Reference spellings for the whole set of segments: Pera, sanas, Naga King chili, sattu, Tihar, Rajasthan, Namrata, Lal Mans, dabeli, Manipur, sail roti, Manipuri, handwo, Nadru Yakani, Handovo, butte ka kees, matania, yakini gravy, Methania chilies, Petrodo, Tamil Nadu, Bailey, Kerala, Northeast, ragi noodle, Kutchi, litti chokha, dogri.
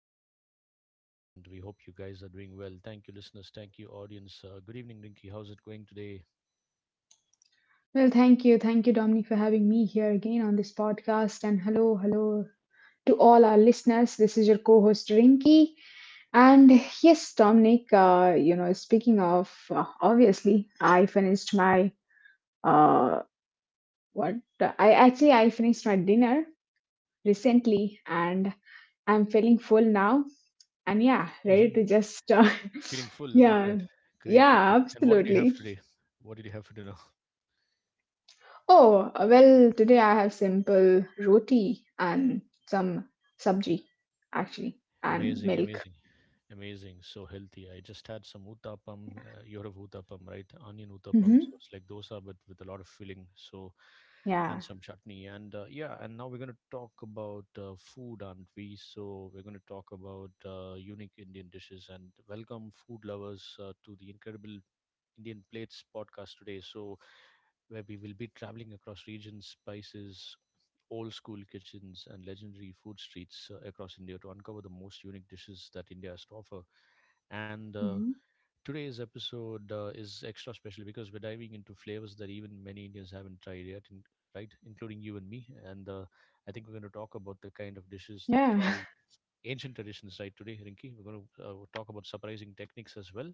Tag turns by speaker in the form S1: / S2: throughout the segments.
S1: Dominic and Rinky, and we hope you guys are doing well. Thank you, listeners. Thank you, audience. Good evening, Rinky. How's it going today?
S2: Well, thank you. Thank you, Dominic, for having me here again on this podcast. And hello to all our listeners. This is your co host, Rinky. And yes, Dominic, speaking of, obviously, I finished my, uh, what? I actually, I finished my dinner recently, and I'm feeling full now. And yeah, ready to
S1: Mhm.
S2: just, uh,
S1: Feeling full? All
S2: yeah,
S1: right. Great,
S2: yeah,
S1: Rinky. And what did you have
S2: absolutely.
S1: today? What did you have for dinner?
S2: Oh, well, today I have simple roti and some sabji, actually, and
S1: Amazing,
S2: milk.
S1: amazing, amazing. So healthy. I just had some uttapam. You heard of uttapam, right? Onion uttapam. So
S2: Hmm.
S1: it's like dosa, but with a lot of filling. So,
S2: Yeah,
S1: and some chutney. And now we're going to talk about food, aren't we? So we're going to talk about unique Indian dishes and welcome food lovers to the incredible Indian Plates podcast today. So, where we will be traveling across regions, spices, old school kitchens and legendary food streets across India to uncover the most unique dishes that India has to offer. And
S2: hmm,
S1: today's episode is extra special because we're diving into flavors that even many Indians haven't tried yet, right? Including you and me. And I think we're going to talk about the kind of dishes that
S2: yeah,
S1: carry ancient traditions, right? Today, Rinki, we're going to talk about surprising techniques as well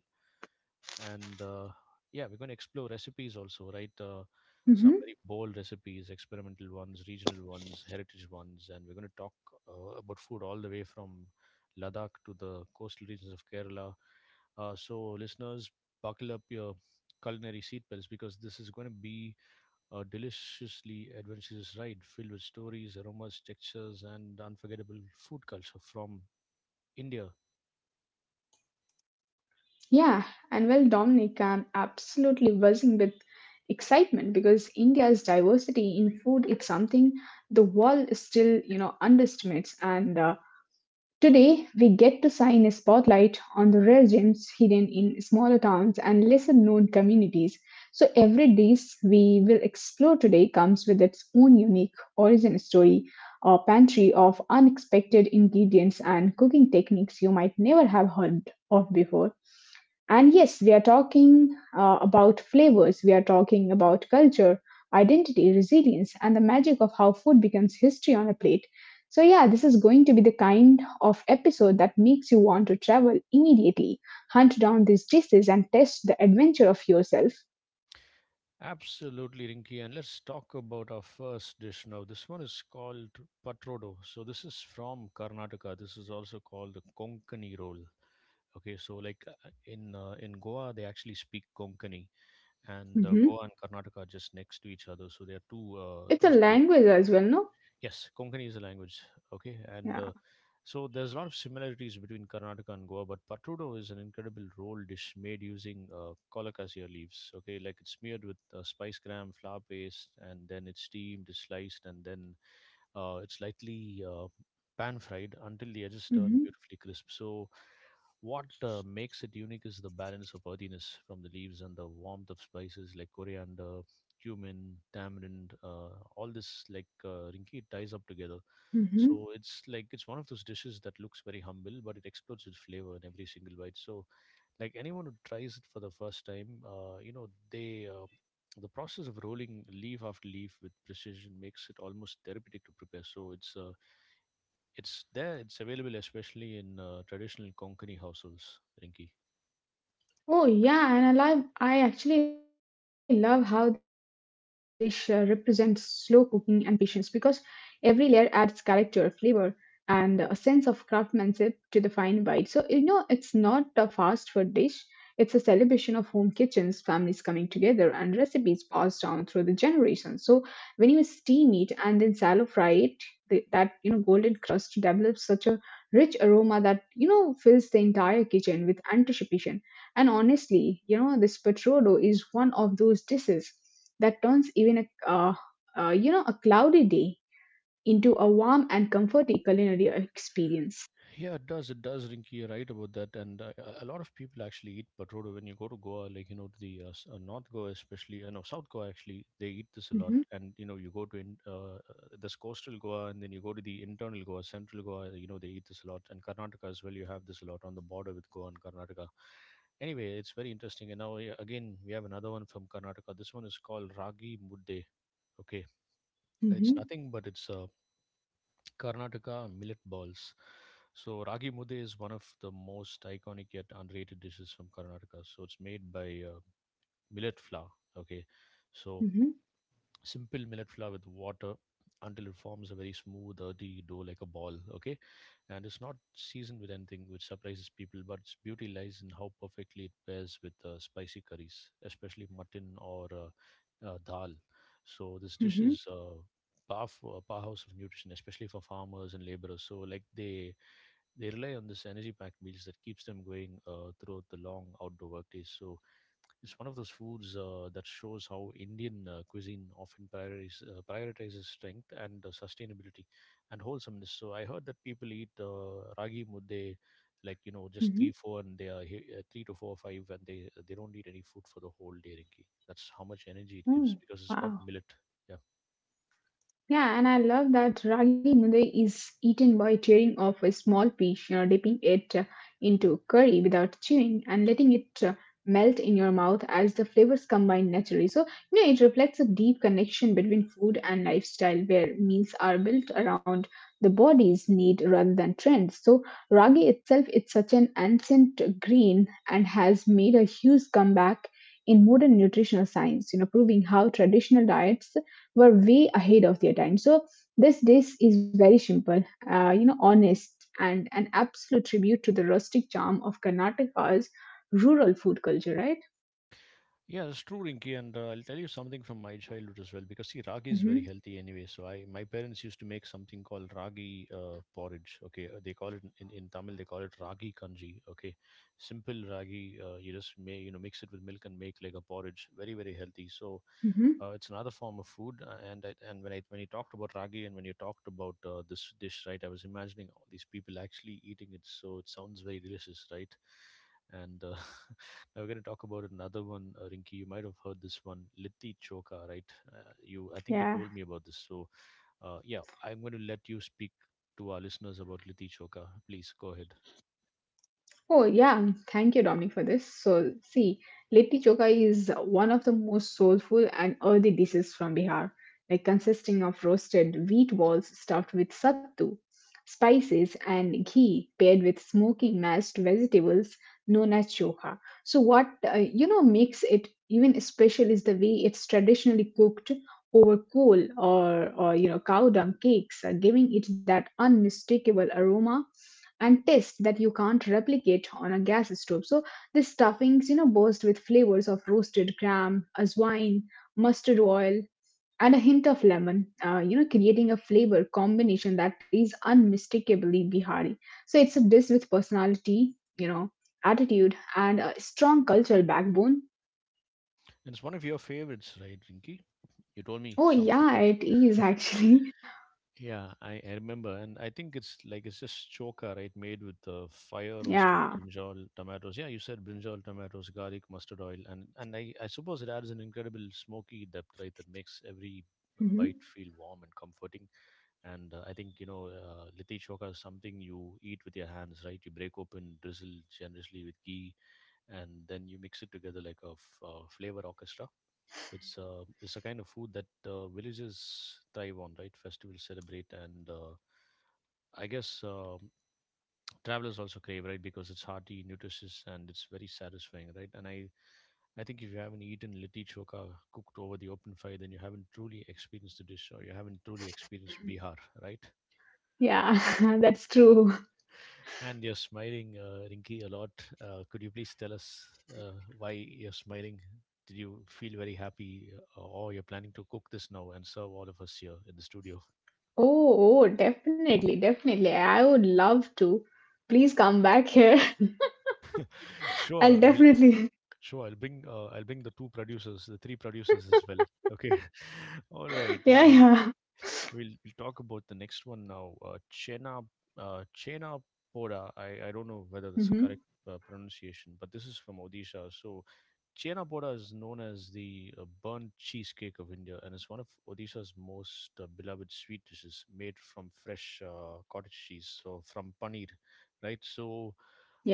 S1: and yeah, we're going to explore recipes also, right? Some
S2: hmm,
S1: very bold recipes, experimental ones, regional ones, heritage ones, and we're going to talk about food all the way from Ladakh to the coastal regions of Kerala. So, listeners, buckle up your culinary seatbelts because this is going to be a deliciously adventurous ride filled with stories, aromas, textures and unforgettable food culture from India.
S2: yeah. And well, Dominic, I'm absolutely buzzing with excitement because India's diversity in food is something the world still underestimates. And Today, we get to shine a spotlight on the rare gems hidden in smaller towns and lesser known communities. So every dish we will explore today comes with its own unique origin story, a pantry of unexpected ingredients and cooking techniques you might never have heard of before. And yes, we are talking about flavors, we are talking about culture, identity, resilience, and the magic of how food becomes history on a plate. So, yeah, this is going to be the kind of episode that makes you want to travel immediately, hunt down these dishes, and test the adventure of yourself.
S1: Absolutely, Rinky. And let's talk about our first dish now. This one is called patrodo. So this is from Karnataka. This is also called the Konkani roll. Okay, so like in Goa, they actually speak Konkani, and
S2: Hmm.
S1: Goa and Karnataka are just next to each other. So they are two uh,
S2: It's a
S1: two states.
S2: language as well, no?
S1: Yes, Konkani is a language. Okay, and
S2: Yeah.
S1: uh, so there's a lot of similarities between Karnataka and Goa, but Patrudo is an incredible roll dish made using colocasia leaves. Okay, like it's smeared with spice gram, flour paste, and then it's steamed, it's sliced, and then it's lightly pan fried until the edges turn
S2: Mhm.
S1: beautifully crisp. So what makes it unique is the balance of earthiness from the leaves and the warmth of spices like coriander, cumin, tamarind. All this, like Rinki, it ties up together.
S2: Hmm.
S1: So it's like it's one of those dishes that looks very humble, but it explodes with flavor in every single bite. So like anyone who tries it for the first time, the process of rolling leaf after leaf with precision makes it almost therapeutic to prepare. So it's there. It's available especially in traditional Konkani households, Rinki.
S2: Oh yeah, and I actually love how this dish represents slow cooking and patience because every layer adds character, flavor, and a sense of craftsmanship to the fine bite. So, you know, it's not a fast food dish. It's a celebration of home kitchens, families coming together, and recipes passed down through the generations. So when you steam it and then shallow fry it, that you know golden crust develops such a rich aroma that you know fills the entire kitchen with anticipation, and honestly, you know, this Petrodo is one of those dishes that turns even a you know a cloudy day into a warm and comforting culinary experience.
S1: Yeah, it does. It does, Rinky. You're right about that. And a lot of people actually eat patroda when you go to Goa, like, you know, to the North Goa, especially, you know, South Goa, actually, they eat this a lot.
S2: Hmm.
S1: And, you know, you go to this coastal Goa and then you go to the internal Goa, central Goa, you know, they eat this a lot. And Karnataka as well, you have this a lot on the border with Goa and Karnataka. Anyway, it's very interesting. And now, yeah, again, we have another one from Karnataka. This one is called Ragi Mudde. Okay.
S2: Hmm.
S1: It's nothing but it's Karnataka millet balls. So ragi mude is one of the most iconic yet underrated dishes from Karnataka. So it's made by millet flour. Okay, so
S2: Hmm.
S1: simple millet flour with water until it forms a very smooth, earthy dough like a ball. Okay, and it's not seasoned with anything, which surprises people. But its beauty lies in how perfectly it pairs with spicy curries, especially mutton or dal. So this dish
S2: Hmm.
S1: is. Power powerhouse of nutrition, especially for farmers and laborers. So, like they rely on this energy-packed meals that keeps them going throughout the long outdoor work days. So, it's one of those foods that shows how Indian cuisine often prioritizes strength and sustainability and wholesomeness. So I heard that people eat ragi mudde, like, you know, just
S2: Hmm.
S1: 3 4, and 3 to 4 5, and they don't eat any food for the whole day, Rinki. That's how much energy it gives
S2: Oh,
S1: because it's got
S2: wow.
S1: millet. Yeah.
S2: Yeah, and I love that ragi noodle is eaten by tearing off a small piece, you know, dipping it into curry without chewing and letting it melt in your mouth as the flavors combine naturally. So, you know, it reflects a deep connection between food and lifestyle where meals are built around the body's need rather than trends. So ragi itself is such an ancient grain and has made a huge comeback in modern nutritional science, you know, proving how traditional diets were way ahead of their time. So this dish is very simple, you know, honest, and an absolute tribute to the rustic charm of Karnataka's rural food culture, right?
S1: Yeah, that's true, Rinky. And I'll tell you something from my childhood as well, because see, ragi is very
S2: Mm-hmm.
S1: healthy anyway. So my parents used to make something called ragi porridge. Okay, they call it in Tamil, they call it ragi kanji. Okay, simple ragi. You just may you know mix it with milk and make like a porridge. Very, very healthy. So
S2: Mm-hmm.
S1: it's another form of food, and when you talked about ragi and when you talked about this dish, right, I was imagining all these people actually eating it, so it sounds very delicious, right? And now we're going to talk about another one, Rinki. You might have heard this one, litti choka, right? I think you
S2: Yeah.
S1: told me about this. So, yeah, I'm going to let you speak to our listeners about litti choka. Please go ahead.
S2: Oh, yeah. Thank you, Dominic, for this. So, see, litti chokha is one of the most soulful and earthy dishes from Bihar, like consisting of roasted wheat balls stuffed with sattu, spices, and ghee paired with smoky mashed vegetables known as chokha. So what you know makes it even special is the way it's traditionally cooked over coal or you know cow dung cakes, giving it that unmistakable aroma and taste that you can't replicate on a gas stove. So the stuffings, you know, burst with flavors of roasted gram, azwine, mustard oil, and a hint of lemon. You know, creating a flavor combination that is unmistakably Bihari. So it's a dish with personality, you know, attitude, and a strong cultural backbone.
S1: And it's one of your favorites, right, Rinki? You told me
S2: Oh
S1: sometime.
S2: yeah, it is actually.
S1: Yeah, I remember, and I think it's like it's just choka, right? Made with fire roasted
S2: Yeah.
S1: brinjal tomatoes. Yeah, you said brinjal tomatoes, garlic, mustard oil, and I suppose it adds an incredible smoky depth, right? That makes every
S2: Mhm.
S1: bite feel warm and comforting. And I think litti choka is something you eat with your hands, right? You break open, drizzle generously with ghee, and then you mix it together like a flavor orchestra. It's a kind of food that villages thrive on, right? Festivals celebrate, and, I guess, travelers also crave, right? Because it's hearty, nutritious, and it's very satisfying, right? And I think if you haven't eaten litti choka cooked over the open fire, then you haven't truly experienced the dish, or you haven't truly experienced Bihar, right?
S2: Yeah, that's true.
S1: And you're smiling, Rinki, a lot. Could you please tell us uh, why you're smiling? Did you feel very happy, or you're planning to cook this now and serve all of us here in the studio?
S2: Oh, oh, definitely, definitely. I would love to. Please come back here.
S1: Sure,
S2: I'll
S1: we'll
S2: definitely.
S1: sure, I'll bring the two producers, the three producers as well. Okay. All right.
S2: Yeah,
S1: We'll
S2: yeah.
S1: We'll we'll talk about the next one now. Chena Poda. I don't know whether that's the
S2: Mhm.
S1: correct pronunciation, but this is from Odisha. So Chena Poda is known as the burnt cheesecake of India, and is one of Odisha's most beloved sweet dishes, made from fresh cottage cheese, so from paneer, right? So.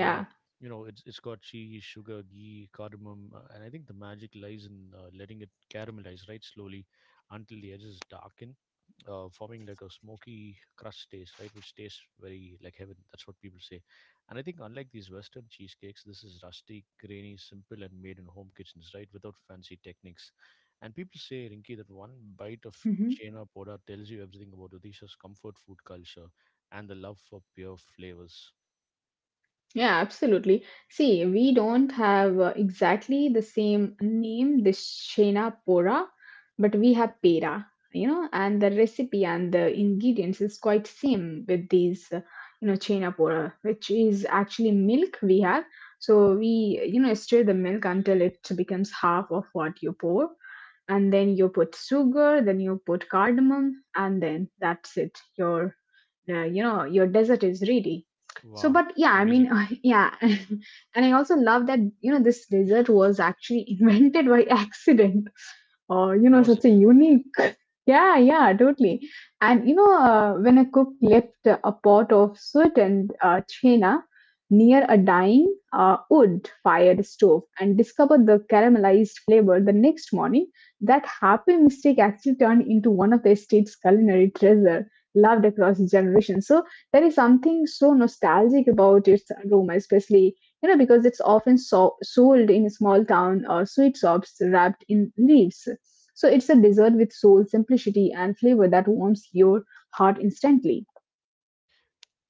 S1: Uh, you know, it's got cheese, sugar, ghee, cardamom, and I think the magic lies in letting it caramelize right slowly until the edges darken, forming like a smoky crust taste, right? Which tastes very like heaven. That's what people say. And I think unlike these Western cheesecakes, this is rustic, grainy, simple, and made in home kitchens, right? Without fancy techniques. And people say, Rinki, that one bite of
S2: Mhm.
S1: Chena Poda tells you everything about Odisha's comfort food culture and the love for pure flavors.
S2: Yeah, absolutely. See, we don't have exactly the same name, the Shena Pora, but we have Pera, you know, and the recipe and the ingredients is quite same with these, you know, Chena Pora, which is actually milk we have. So we, you know, stir the milk until it becomes half of what you pour. And then you put sugar, then you put cardamom, and then that's it. Your you know your desert is ready. So
S1: Wow,
S2: but yeah, I mean,
S1: amazing.
S2: yeah, and I also love that you know this desert was actually invented by accident, or you know
S1: Was
S2: such
S1: it?
S2: a unique, yeah, yeah, totally. And you know when a cook left a pot of sweetened chena near a dying wood fired stove and discovered the caramelized flavor the next morning, that happy mistake actually turned into one of the estate's culinary treasures loved across generations. So there is something so nostalgic about its aroma, especially you know because it's often sold in small town or sweet shops wrapped in leaves. So it's a dessert with soul, simplicity, and flavor that warms your heart instantly.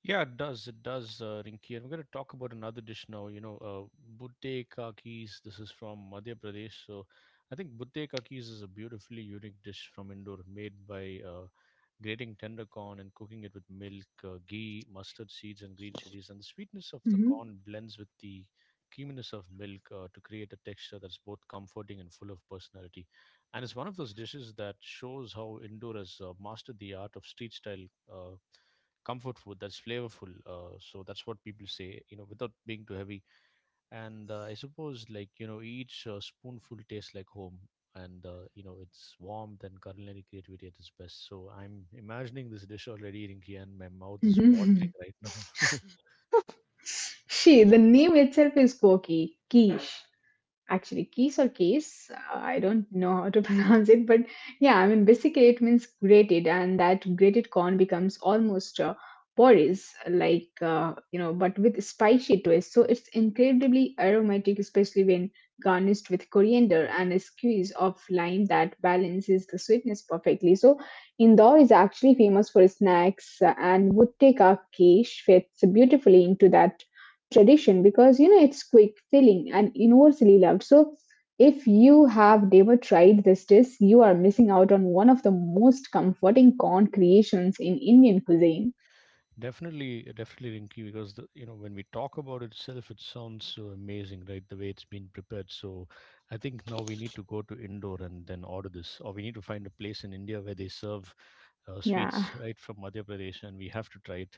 S1: Yeah, it does. It does, Rinki. And we're going to talk about another dish now. You know, butte ka kees. This is from Madhya Pradesh. So I think butte ka kees is a beautifully unique dish from Indore made by grating tender corn and cooking it with milk, ghee, mustard seeds, and green chilies. And the sweetness of the
S2: Mhm,
S1: corn blends with the creaminess of milk to create a texture that's both comforting and full of personality. And it's one of those dishes that shows how Indore has mastered the art of street style. Uh, Comfort food that's flavorful, so that's what people say, you know, without being too heavy, and I suppose, like, you know, each spoonful tastes like home, and you know, it's warmth and culinary creativity at its best. So I'm imagining this dish already, Rinky, and my mouth is watering
S2: mhm.
S1: right now.
S2: She, the name itself is quirky, quiche. Actually keys or case, I don't know how to pronounce it. But yeah, I mean basically it means grated, and that grated corn becomes almost porridge like you know but with spicy twist. So it's incredibly aromatic, especially when garnished with coriander and a squeeze of lime that balances the sweetness perfectly. So Indore is actually famous for snacks, and would take our fits beautifully into that tradition because you know it's quick, filling, and universally loved. So if you have never tried this dish, you are missing out on one of the most comforting corn creations in Indian cuisine.
S1: Definitely, definitely, Rinky, because the, you know, when we talk about itself, it sounds so amazing, right? The way it's been prepared. So, I think now we need to go to Indore and then order this, or we need to find a place in India where they serve
S2: Yeah.
S1: sweets right from Madhya Pradesh, and we have to try it.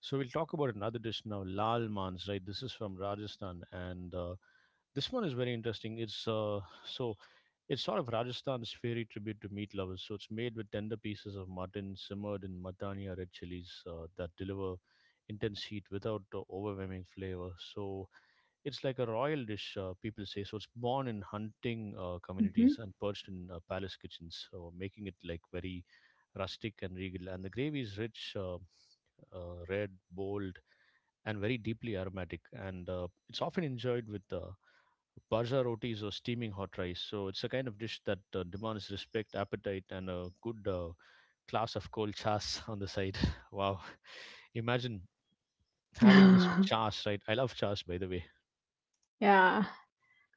S1: So, we'll talk about another dish now, lal mans, right? This is from Rajasthan, and this one is very interesting. It's sort of Rajasthan's fairy tribute to meat lovers. So it's made with tender pieces of mutton simmered in matania red chilies that deliver intense heat without overwhelming flavor. So it's like a royal dish, people say. So it's born in hunting
S2: Mhm.
S1: communities and perched in palace kitchens, so making it like very rustic and regal. And the gravy is rich, red, bold, and very deeply aromatic. And it's often enjoyed with Barza rotis or steaming hot rice. So it's a kind of dish that demands respect, appetite, and a good glass of cold chas on the side. Wow. Imagine having this with chas, right? I love chas, by the way.
S2: Yeah.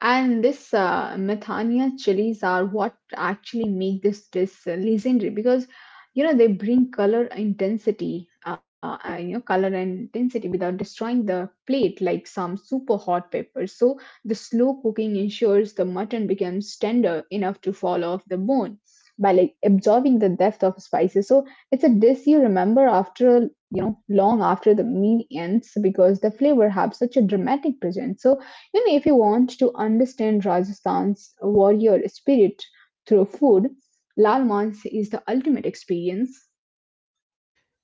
S2: And this Methania chilies are what actually make this dish legendary because you know they bring color intensity, you know, color and intensity without destroying the plate like some super hot peppers. So the slow cooking ensures the mutton becomes tender enough to fall off the bone by like absorbing the depth of spices. So it's a dish you remember after you know long after the meal ends because the flavor have such a dramatic presence. So, you know, if you want to understand Rajasthan's warrior spirit through food, Lal Mans is the ultimate experience.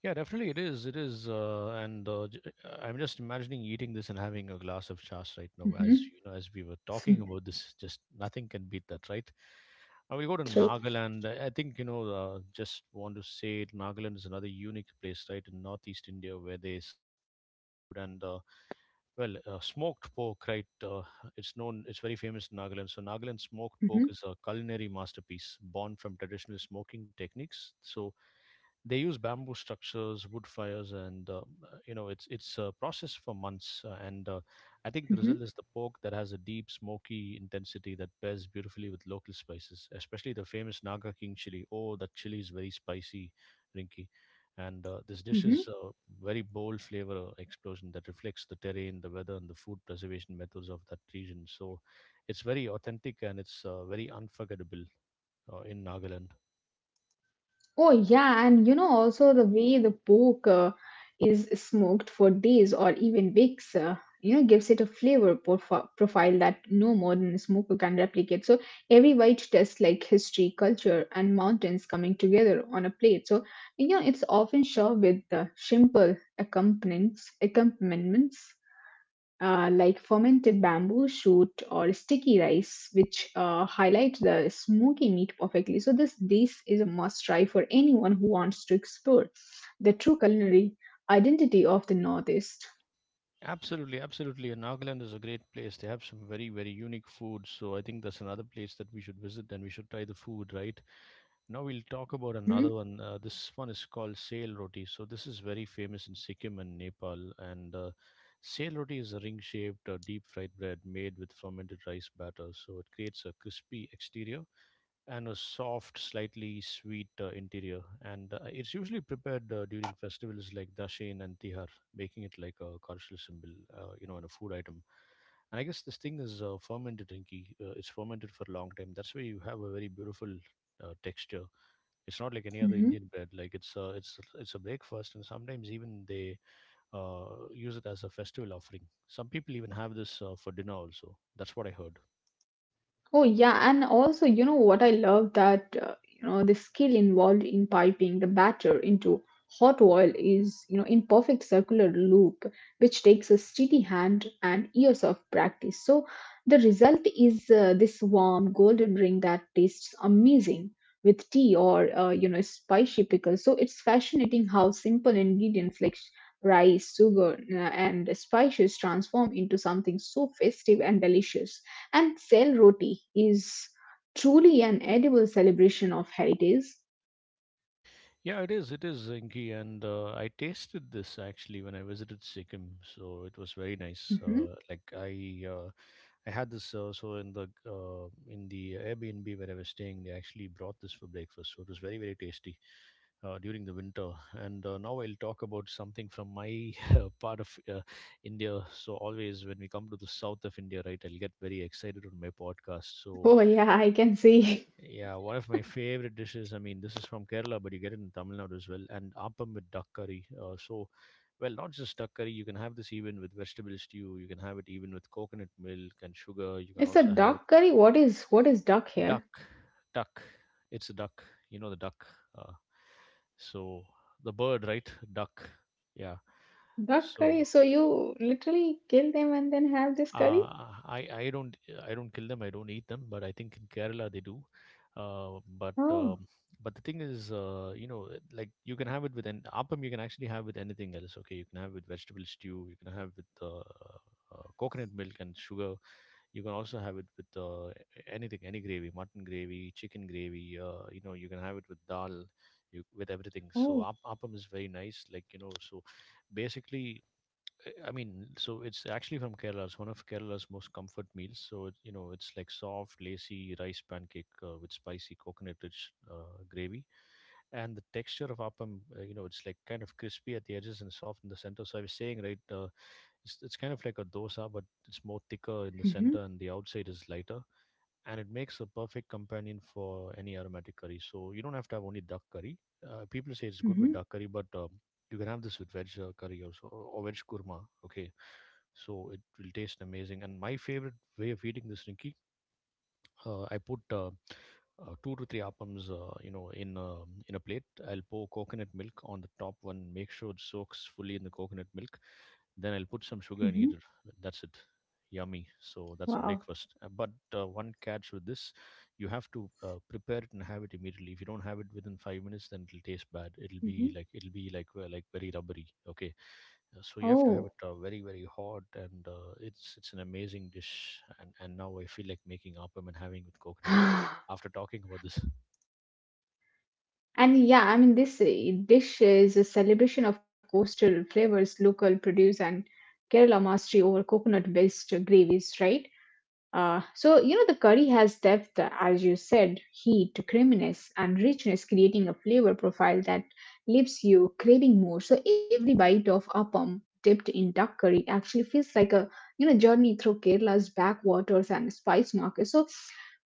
S1: Yeah, definitely it is. It is, I'm just imagining eating this and having a glass of chas right now. As
S2: Mhm.
S1: you know, as we were talking about this, just nothing can beat that, right? I will go to
S2: True.
S1: Nagaland. I think you know. Just want to say, Nagaland is another unique place, right, in northeast India, where they serve all kinds of food and, smoked pork, right? It's known. It's very famous in Nagaland. So Nagaland smoked
S2: Hmm.
S1: pork is a culinary masterpiece born from traditional smoking techniques. So they use bamboo structures, wood fires, and you know it's a process for months. And
S2: Hmm.
S1: I think the result is the pork that has a deep smoky intensity that pairs beautifully with local spices, especially the famous Naga King chili. Oh, that chili is very spicy, Rinky. And this dish
S2: Hmm.
S1: is a very bold flavor explosion that reflects the terrain, the weather, and the food preservation methods of that region. So, it's very authentic and it's very unforgettable in Nagaland.
S2: Oh yeah, and you know also the way the pork is smoked for days or even weeks, you know, gives it a flavor profile that no modern smoker can replicate. So every bite tastes like history, culture, and mountains coming together on a plate. So you know, it's often served with simple accompaniments like fermented bamboo shoot or sticky rice, which highlight the smoky meat perfectly. So this is a must try for anyone who wants to explore the true culinary identity of the Northeast.
S1: Absolutely, absolutely. And Nagaland is a great place. They have some very, very unique food. So I think that's another place that we should visit and we should try the food, right? Now we'll talk about
S2: Mhm.
S1: another one. This one is called sail roti. So this is very famous in Sikkim and Nepal. And sail roti is a ring shaped, deep fried bread made with fermented rice batter. So it creates a crispy exterior and a soft, slightly sweet interior. And it's usually prepared during festivals like Dashain and Tihar, making it like a cultural symbol, you know, and a food item. And I guess this thing is fermented, Rinki. It's fermented for a long time. That's why you have a very beautiful texture. It's not like any other Indian bread. Like it's a breakfast, and sometimes even they uh, use it as a festival offering. Some people even have this for dinner also. That's what I heard.
S2: Oh yeah, and also you know what I love that you know the skill involved in piping the batter into hot oil is you know in perfect circular loop, which takes a steady hand and years of practice. So the result is this warm golden ring that tastes amazing with tea or you know spicy pickles. So it's fascinating how simple ingredients like rice, sugar, and spices transform into something so festive and delicious. And sell roti is truly an edible celebration of heritage.
S1: Yeah, it is. It is Zinki, and I tasted this actually when I visited Sikkim, so it was very nice.
S2: Mhm.
S1: I had this so in the Airbnb where I was staying, they actually brought this for breakfast, so it was very very tasty during the winter. And now I'll talk about something from my part of India. So always when we come to the south of India, right, I'll get very excited on my podcast. So
S2: Oh yeah, I can see.
S1: yeah, one of my favorite dishes. I mean, this is from Kerala, but you get it in Tamil Nadu as well. And appam with duck curry. Not just duck curry. You can have this even with vegetable stew. You can have it even with coconut milk and sugar. You can
S2: It's a
S1: also have it
S2: duck curry. What is duck here?
S1: duck, duck. It's a duck. You know the duck. Uh, so the bird, right? Duck. Yeah.
S2: Duck curry.
S1: So
S2: So you literally kill them and then have this curry?
S1: Uh, I don't I don't kill them. I don't eat them. But I think in Kerala they do. Uh, but
S2: Oh,
S1: um, but the thing is, you know, it- like you can have it with an appam. You can actually have with anything else. Okay, you can have with vegetable stew. You can have with coconut milk and sugar. You can also have it with anything, any gravy, mutton gravy, chicken gravy. You know, you can have it with dal, you, with everything. So
S2: oh.
S1: app- appam is very nice. Like you know, so basically I mean, so it's actually from Kerala. It's one of Kerala's most comfort meals. So it, you know, it's like soft, lacy rice pancake with spicy coconut-rich gravy, and the texture of appam. You know, it's like kind of crispy at the edges and soft in the center. So I was saying, right, it's kind of like a dosa, but it's more thicker in the
S2: Mm-hmm,
S1: center and the outside is lighter and it makes a perfect companion for any aromatic curry. So you don't have to have only duck curry. People say it's good
S2: mm-hmm,
S1: with duck curry, but you can have this with veg curry also or veg kurma. Okay, so it will taste amazing. And my favorite way of eating this, Rinki, I put two to three appams, you know, in a plate. I'll pour coconut milk on the top one, make sure it soaks fully in the coconut milk, then I'll put some sugar
S2: mm-hmm.
S1: and eat it. That's it. Yummy. So that's a
S2: Wow.
S1: breakfast. But one catch with this, you have to prepare it and have it immediately. If you don't have it within 5 minutes, then it'll taste bad. It'll be
S2: Mm-hmm.
S1: like it'll be like uh, like very rubbery. Okay, so you have to
S2: Oh.
S1: have it very very hot, and it's an amazing dish. And now I feel like making appam and having with coconut milk after talking about this.
S2: And yeah, I mean this dish is a celebration of coastal flavors, local produce, and Kerala mastery over coconut-based gravies, right? So, you know, the curry has depth, as you said, heat, creaminess, and richness, creating a flavor profile that leaves you craving more. So every bite of appam dipped in duck curry actually feels like a, you know, journey through Kerala's backwaters and spice markets. So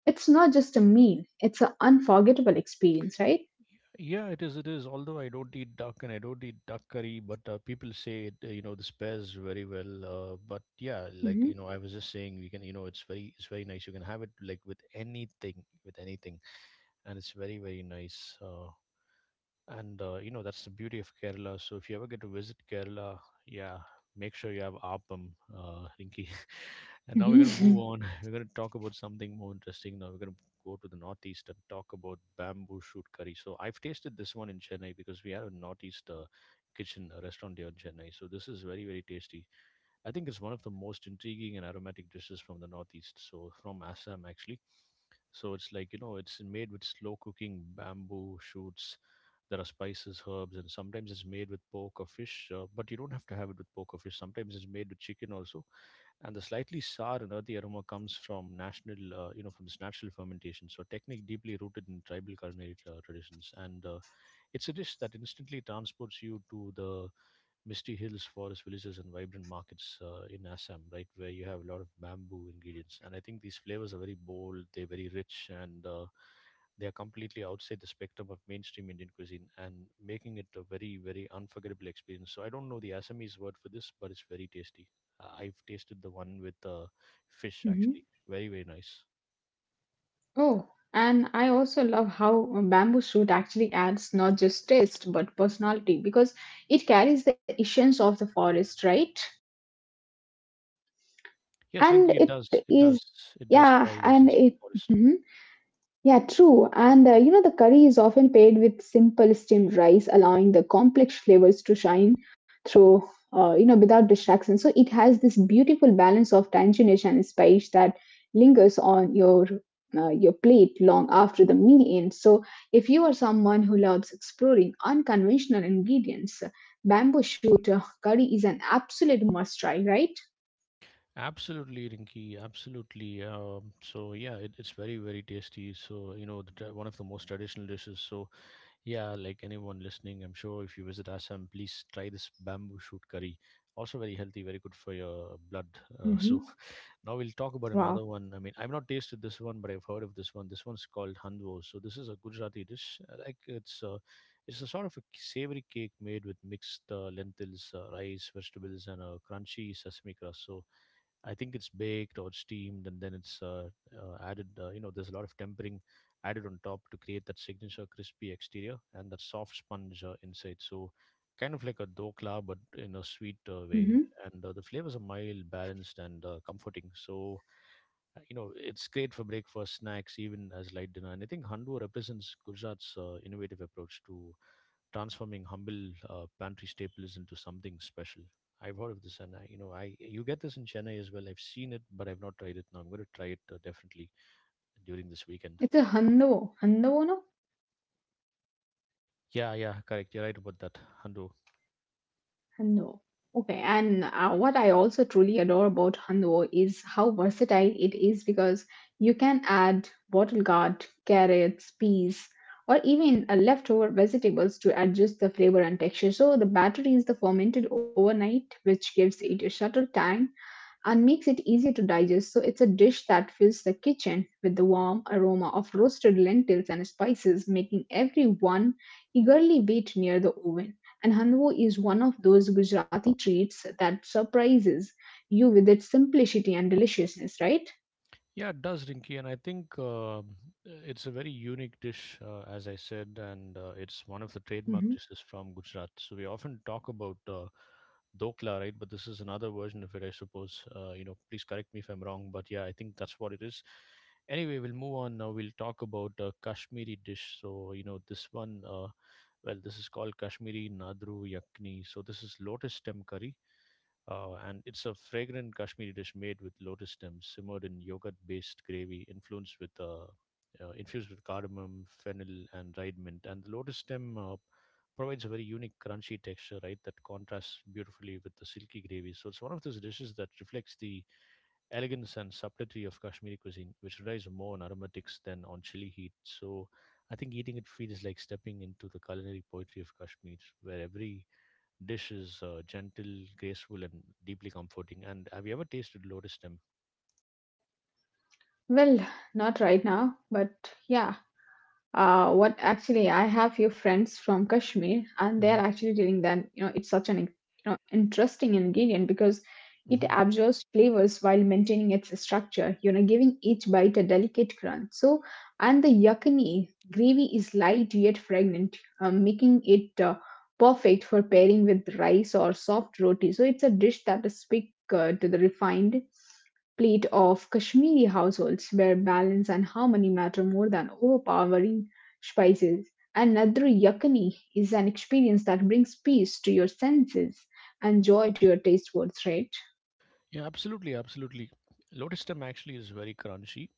S2: it's not just a meal, it's an unforgettable experience, right?
S1: Yeah, it is. It is. Although I don't eat duck and I don't eat duck curry, but people say it, you know, this pairs very well. But yeah,
S2: Hmm.
S1: like you know, I was just saying we can, you know, it's very nice. You can have it like with anything, and it's very, very nice. And You know, that's the beauty of Kerala. So if you ever get to visit Kerala, yeah, make sure you have appam, Rinki. And now we're going to move
S2: Mhm.
S1: on. We're going to talk about something more interesting. Now we're going to go to the northeast and talk about bamboo shoot curry. So I've tasted this one in Chennai because we have a northeast kitchen a restaurant here in Chennai. So this is very very tasty. I think it's one of the most intriguing and aromatic dishes from the northeast. So from Assam actually. So it's like you know it's made with slow cooking bamboo shoots. There are spices, herbs, and sometimes it's made with pork or fish. But you don't have to have it with pork or fish. Sometimes it's made with chicken also, and the slightly sour and earthy aroma comes from national, you know, from this natural fermentation. So technique deeply rooted in tribal culinary traditions, and it's a dish that instantly transports you to the misty hills, forest villages, and vibrant markets in Assam, right, where you have a lot of bamboo ingredients. And I think these flavors are very bold, they're very rich, and they are completely outside the spectrum of mainstream Indian cuisine and making it a very, very unforgettable experience. So I don't know the Assamese word for this, but it's very tasty. I've tasted the one with fish,
S2: Mhm.
S1: actually. Very, very nice.
S2: Oh, and I also love how bamboo suit actually adds not just taste but personality because it carries the essence of the forest, right?
S1: Yes,
S2: And
S1: Rinki,
S2: it
S1: it does. It
S2: is,
S1: does. It does
S2: yeah,
S1: carry the
S2: and
S1: essence of
S2: it.
S1: the forest.
S2: Mhm. Yeah, true. And you know, the curry is often paired with simple steamed rice, allowing the complex flavors to shine through, you know, without distraction. So it has this beautiful balance of tanginess and spice that lingers on your your plate long after the meal ends. So if you are someone who loves exploring unconventional ingredients, bamboo shoot curry is an absolute must try, right?
S1: Absolutely, Rinky. Absolutely. So yeah, it, it's very very tasty. So you know, the, tra- one of the most traditional dishes. So yeah, like anyone listening, I'm sure if you visit Assam, please try this bamboo shoot curry. Also very healthy, very good for your blood.
S2: Mhm.
S1: So now we'll talk about
S2: Wow.
S1: another one. I mean, I've not tasted this one, but I've heard of this one. This one's called handwo. So this is a Gujarati dish. It's a sort of a savory cake made with mixed lentils, rice, vegetables, and a crunchy sesame crust. So I think it's baked or steamed, and then it's added. There's a lot of tempering added on top to create that signature crispy exterior and that soft sponge inside. So, kind of like a dokla, but in a sweet
S2: Mhm.
S1: way. And the flavors are mild, balanced, and comforting. So, it's great for breakfast, snacks, even as light dinner. And I think Handu represents Gujarat's innovative approach to transforming humble pantry staples into something special. I've heard of this, and I you get this in Chennai as well. I've seen it, but I've not tried it. Now I'm going to try it definitely during this weekend.
S2: It's a Handovo. Handovo, no?
S1: Yeah, yeah, correct. You're right about that, Handu.
S2: Hando. Okay, and what I also truly adore about Hando is how versatile it is because you can add bottle gourd, carrots, peas, or even leftover vegetables to adjust the flavor and texture. So the batter is the fermented overnight, which gives it a subtle tang and makes it easier to digest. So it's a dish that fills the kitchen with the warm aroma of roasted lentils and spices, making everyone eagerly wait near the oven. And hanwo is one of those Gujarati treats that surprises you with its simplicity and deliciousness, right?
S1: Yeah, it does, Rinky, and I think it's a very unique dish, as I said, and it's one of the trademark
S2: Mhm.
S1: dishes from Gujarat. So we often talk about dokla, right? But this is another version of it, I suppose. Please correct me if I'm wrong, but yeah, I think that's what it is. Anyway, we'll move on now. We'll talk about Kashmiri dish. So you know, this one, well, this is called Kashmiri Nadru Yakni. So this is lotus stem curry and it's a fragrant Kashmiri dish made with lotus stems, simmered in yogurt-based gravy, influenced with infused with cardamom, fennel, and dried mint. And the lotus stem provides a very unique crunchy texture, right? That contrasts beautifully with the silky gravy. So it's one of those dishes that reflects the elegance and subtlety of Kashmiri cuisine, which relies more on aromatics than on chili heat. So I think eating it feels like stepping into the culinary poetry of Kashmir, where every dish is gentle, graceful, and deeply comforting. And have you ever tasted lotus stem?
S2: Well, not right now, but yeah. What actually, I have few friends from Kashmir, and they
S1: Hmm.
S2: are actually telling that it's such an interesting ingredient because it
S1: Hmm.
S2: absorbs flavors while maintaining its structure. You know, giving each bite a delicate crunch. So, and the yakini gravy is light yet fragrant, making it perfect for pairing with rice or soft roti. So, it's a dish that is speak to the refined plate of Kashmiri households where balance and harmony matter more than overpowering spices. And Nadru Yakani is an experience that brings peace to your senses and joy to your taste buds, right?
S1: Yeah, absolutely, absolutely. Lotus stem actually is very crunchy.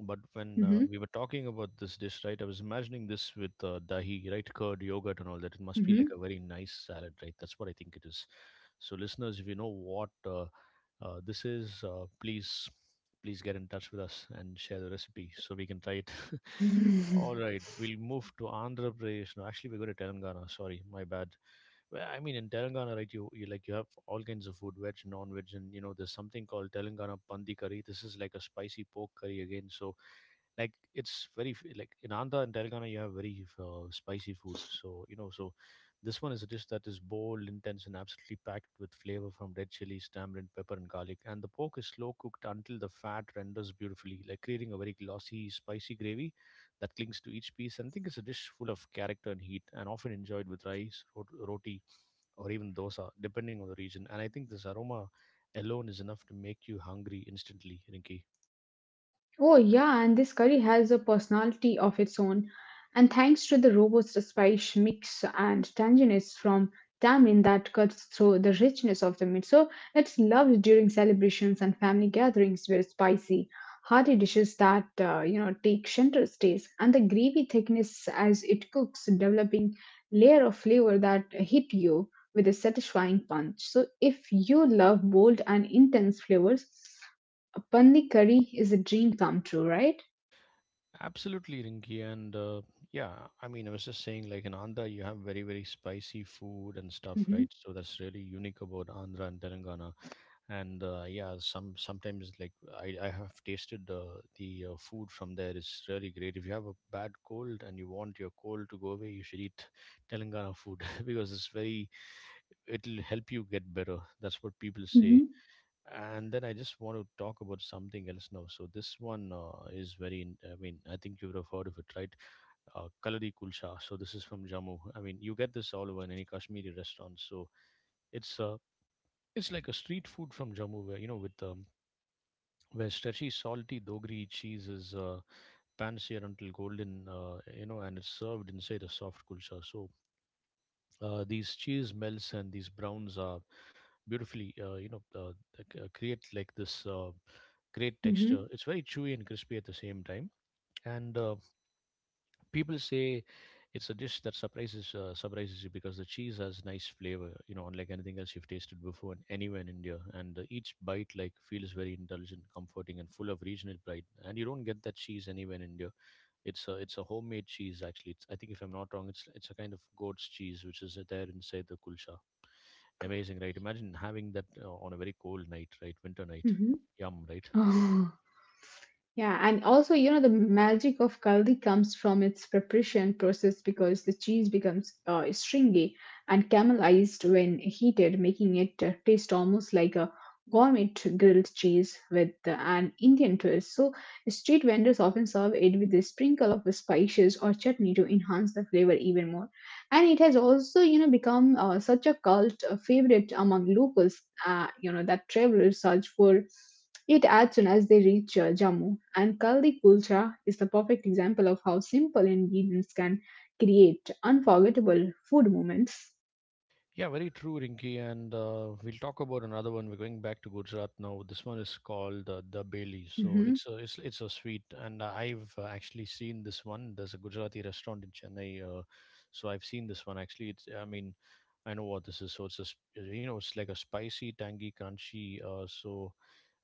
S1: But when
S2: hmm
S1: we were talking about this dish, right, I was imagining this with dahi, right, curd, yogurt, and all that. It must be like a very nice salad, right? That's what I think it is. So, listeners, if you know what this is, please, please get in touch with us and share the recipe so we can try it.
S2: hmm
S1: All right, we'll move to Andhra Pradesh. No, actually, we go to Telangana. Sorry, my bad. Well, I mean, in Telangana, right? You like you have all kinds of food, veg, non-veg, and you know there's something called Telangana Pandi curry. This is like a spicy pork curry again. So like it's very like in Andhra and Telangana you have very spicy food. So you know, so this one is a dish that is bold, intense, and absolutely packed with flavor from red chilies, tamarind, pepper, and garlic. And the pork is slow cooked until the fat renders beautifully, like creating a very glossy, spicy gravy that clings to each piece. And I think it's a dish full of character and heat, and often enjoyed with rice, roti, or even dosa, depending on the region. And I think this aroma alone is enough to make you hungry instantly, Rinki.
S2: Oh, yeah, and this curry has a personality of its own. And thanks to the robust spice mix and tanginess from tamarind that cuts through the richness of the meat. So it's loved during celebrations and family gatherings where spicy, hearty dishes that, take center stage. And the gravy thickness as it cooks, developing layer of flavor that hit you with a satisfying punch. So if you love bold and intense flavors, Pandi curry is a dream come true, right?
S1: Absolutely, Rinky. And yeah, I mean, I was just saying, like in Andhra, you have very, very spicy food and stuff, right?
S2: hmm
S1: So that's really unique about Andhra and Telangana. And yeah, sometimes like I have tasted the food from there is really great. If you have a bad cold and you want your cold to go away, you should eat Telangana food because it's very, it'll help you get better. That's what people say.
S2: hmm
S1: And then I just want to talk about something else now. So this one is very. I mean, I think you would have heard of it, right? Kalari kulcha. So this is from Jammu. I mean, you get this all over in any Kashmiri restaurant. So it's uh, it's like a street food from Jammu, where you know with where stretchy, salty dogri cheese is pan seared until golden, you know, and it's served inside a soft kulcha. So these cheese melts and these browns are beautifully, create like this great texture.
S2: hmm
S1: It's very chewy and crispy at the same time. And people say it's a dish that surprises you because the cheese has nice flavor, you know, unlike anything else you've tasted before and anywhere in India. And each bite like feels very indulgent, comforting, and full of regional pride. And you don't get that cheese anywhere in India. It's a homemade cheese actually. It's, I think if I'm not wrong, it's a kind of goat's cheese which is there inside the kulcha. Amazing, right? Imagine having that on a very cold night, right? Winter night.
S2: hmm
S1: Yum, right?
S2: Oh, yeah, and also, you know, the magic of kaldi comes from its preparation process because the cheese becomes stringy and caramelized when heated, making it taste almost like a gourmet grilled cheese with an Indian twist. So, street vendors often serve it with a sprinkle of spices or chutney to enhance the flavor even more. And it has also, you know, become such a cult favorite among locals, that travelers search for. Eat as soon as they reach Jammu, and Kaldi Kulcha is the perfect example of how simple ingredients can create unforgettable food moments.
S1: Yeah, very true, Rinky. And we'll talk about another one. We're going back to Gujarat now. This one is called the Bailey. So
S2: Hmm
S1: it's a sweet, and I've actually seen this one. There's a Gujarati restaurant in Chennai, so I've seen this one. Actually, it's I mean, I know what this is. So it's a you know it's like a spicy, tangy, crunchy. So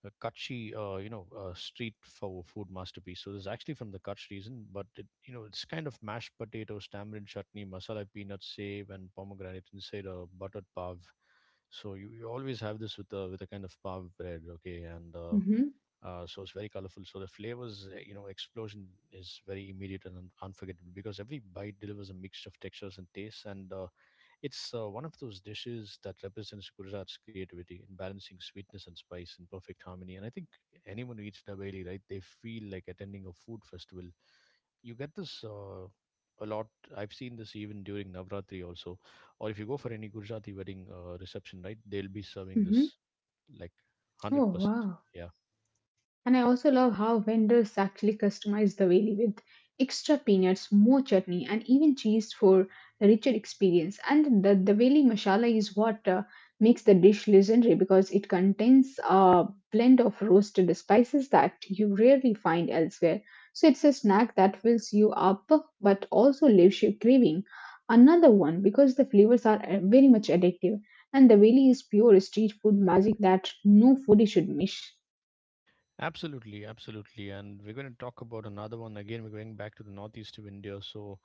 S1: a Kutchi, street for food masterpiece. So this is actually from the Kutch region, but it, you know, it's kind of mashed potatoes, tamarind chutney, masala peanut save, and pomegranate inside a buttered pav. So you always have this with a kind of pav bread, okay, and uh,
S2: hmm
S1: uh, so it's very colorful. So the flavors, explosion is very immediate and unforgettable because every bite delivers a mixture of textures and tastes, and it's one of those dishes that represents Gujarat's creativity in balancing sweetness and spice in perfect harmony. And I think anyone who eats dabeli, right, they feel like attending a food festival. You get this a lot. I've seen this even during Navratri also. Or if you go for any Gujarati wedding reception, right, they'll be serving
S2: hmm
S1: this like
S2: Oh,
S1: 100%.
S2: wow.
S1: Yeah.
S2: And I also love how vendors actually customize the veli with extra peanuts, more chutney, and even cheese for a richer experience. And the veli masala is what makes the dish legendary because it contains a blend of roasted spices that you rarely find elsewhere. So it's a snack that fills you up but also leaves you craving. Another one because the flavors are very much addictive and the veli is pure street food magic that no foodie should miss.
S1: Absolutely, absolutely. And we're going to talk about another one. Again, we're going back to the northeast of India. So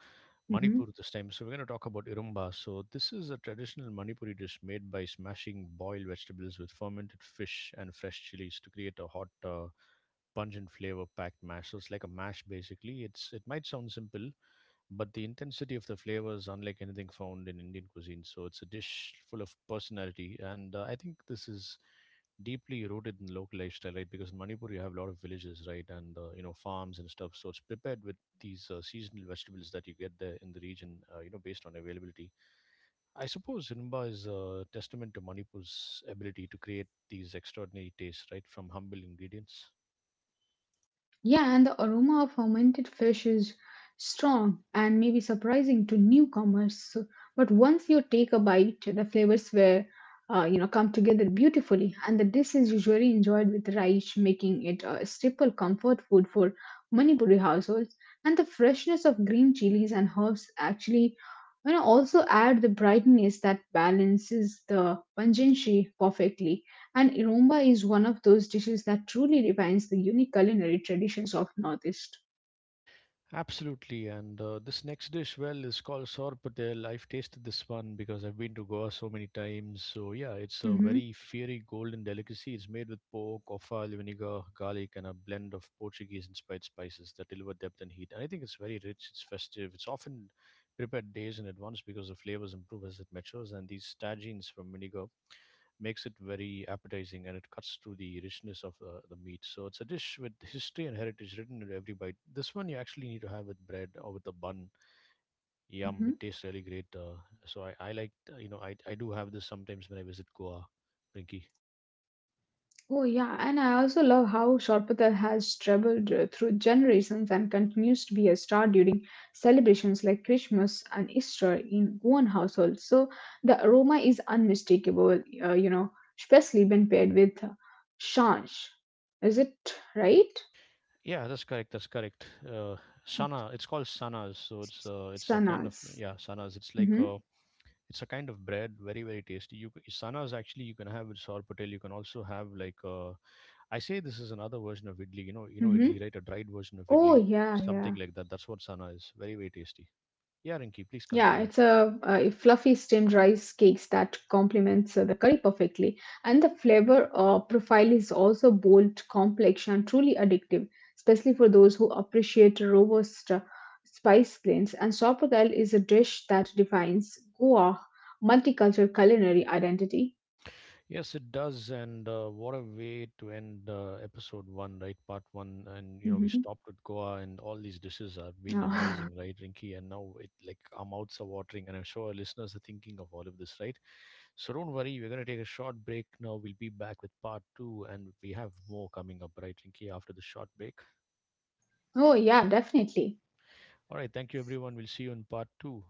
S1: Manipur
S2: Mhm.
S1: this time. So we're going to talk about irumba. So this is a traditional Manipuri dish made by smashing boiled vegetables with fermented fish and fresh chilies to create a hot, pungent flavor-packed mash. So it's like a mash basically. It might sound simple, but the intensity of the flavor is unlike anything found in Indian cuisine. So it's a dish full of personality, and I think this is deeply rooted in local lifestyle, right? Because in Manipur you have a lot of villages, right, and farms and stuff. So it's prepared with these seasonal vegetables that you get there in the region, based on availability. I suppose Rinba is a testament to Manipur's ability to create these extraordinary tastes, right, from humble ingredients.
S2: Yeah, and the aroma of fermented fish is strong and maybe surprising to newcomers. So, but once you take a bite, the flavors were, come together beautifully, and the dish is usually enjoyed with rice, making it a staple comfort food for Manipuri households. And the freshness of green chilies and herbs actually, also add the brightness that balances the pungency perfectly. And iromba is one of those dishes that truly defines the unique culinary traditions of Northeast.
S1: Absolutely, and this next dish, well, is called sour patel. I've tasted this one because I've been to Goa so many times. So yeah, it's a
S2: Hmm
S1: very fiery golden delicacy. It's made with pork, offal, vinegar, garlic, and a blend of Portuguese-inspired spices that deliver depth and heat. And I think it's very rich. It's festive. It's often prepared days in advance because the flavors improve as it matures, and these tagines from vinegar makes it very appetizing and it cuts through the richness of the meat. So it's a dish with history and heritage written in every bite. This one you actually need to have with bread or with a bun. Yum,
S2: hmm
S1: it tastes really great. So I like, you know, I do have this sometimes when I visit Goa, Rinky.
S2: Oh yeah, and I also love how Sharpatal has traveled through generations and continues to be a star during celebrations like Christmas and Easter in one households. So the aroma is unmistakable, especially when paired with shansh. Is it right?
S1: Yeah, that's correct. That's correct. Sana, it's called sanas. So it's a kind of
S2: Sanas.
S1: yeah sanas.
S2: Mm-hmm.
S1: It's a kind of bread, very very tasty. Sanas actually you can have with sour patel. You can also have like I say this is another version of idli. You know
S2: Mm-hmm.
S1: idli, right? A dried version of
S2: Oh
S1: idli,
S2: yeah,
S1: something
S2: yeah.
S1: like that. That's what sana is. Very, very tasty. Yeah, Rinki, please
S2: Yeah,
S1: continue.
S2: it's a fluffy steamed rice cakes that complements the curry perfectly, and the flavor profile is also bold, complex, and truly addictive, especially for those who appreciate robust spice blends. And sopodal is a dish that defines Goa multicultural culinary identity.
S1: Yes, it does. And what a way to end episode one, right? Part one. And, you know, we
S2: Mhm.
S1: stopped with Goa and all these dishes have been
S2: Oh,
S1: amazing, right, Rinki? And now it like our mouths are watering. And I'm sure our listeners are thinking of all of this, right? So don't worry. We're going to take a short break now. We'll be back with part two. And we have more coming up, right, Rinki, after the short break.
S2: oh yeah, definitely.
S1: All right. Thank you, everyone. We'll see you in part two.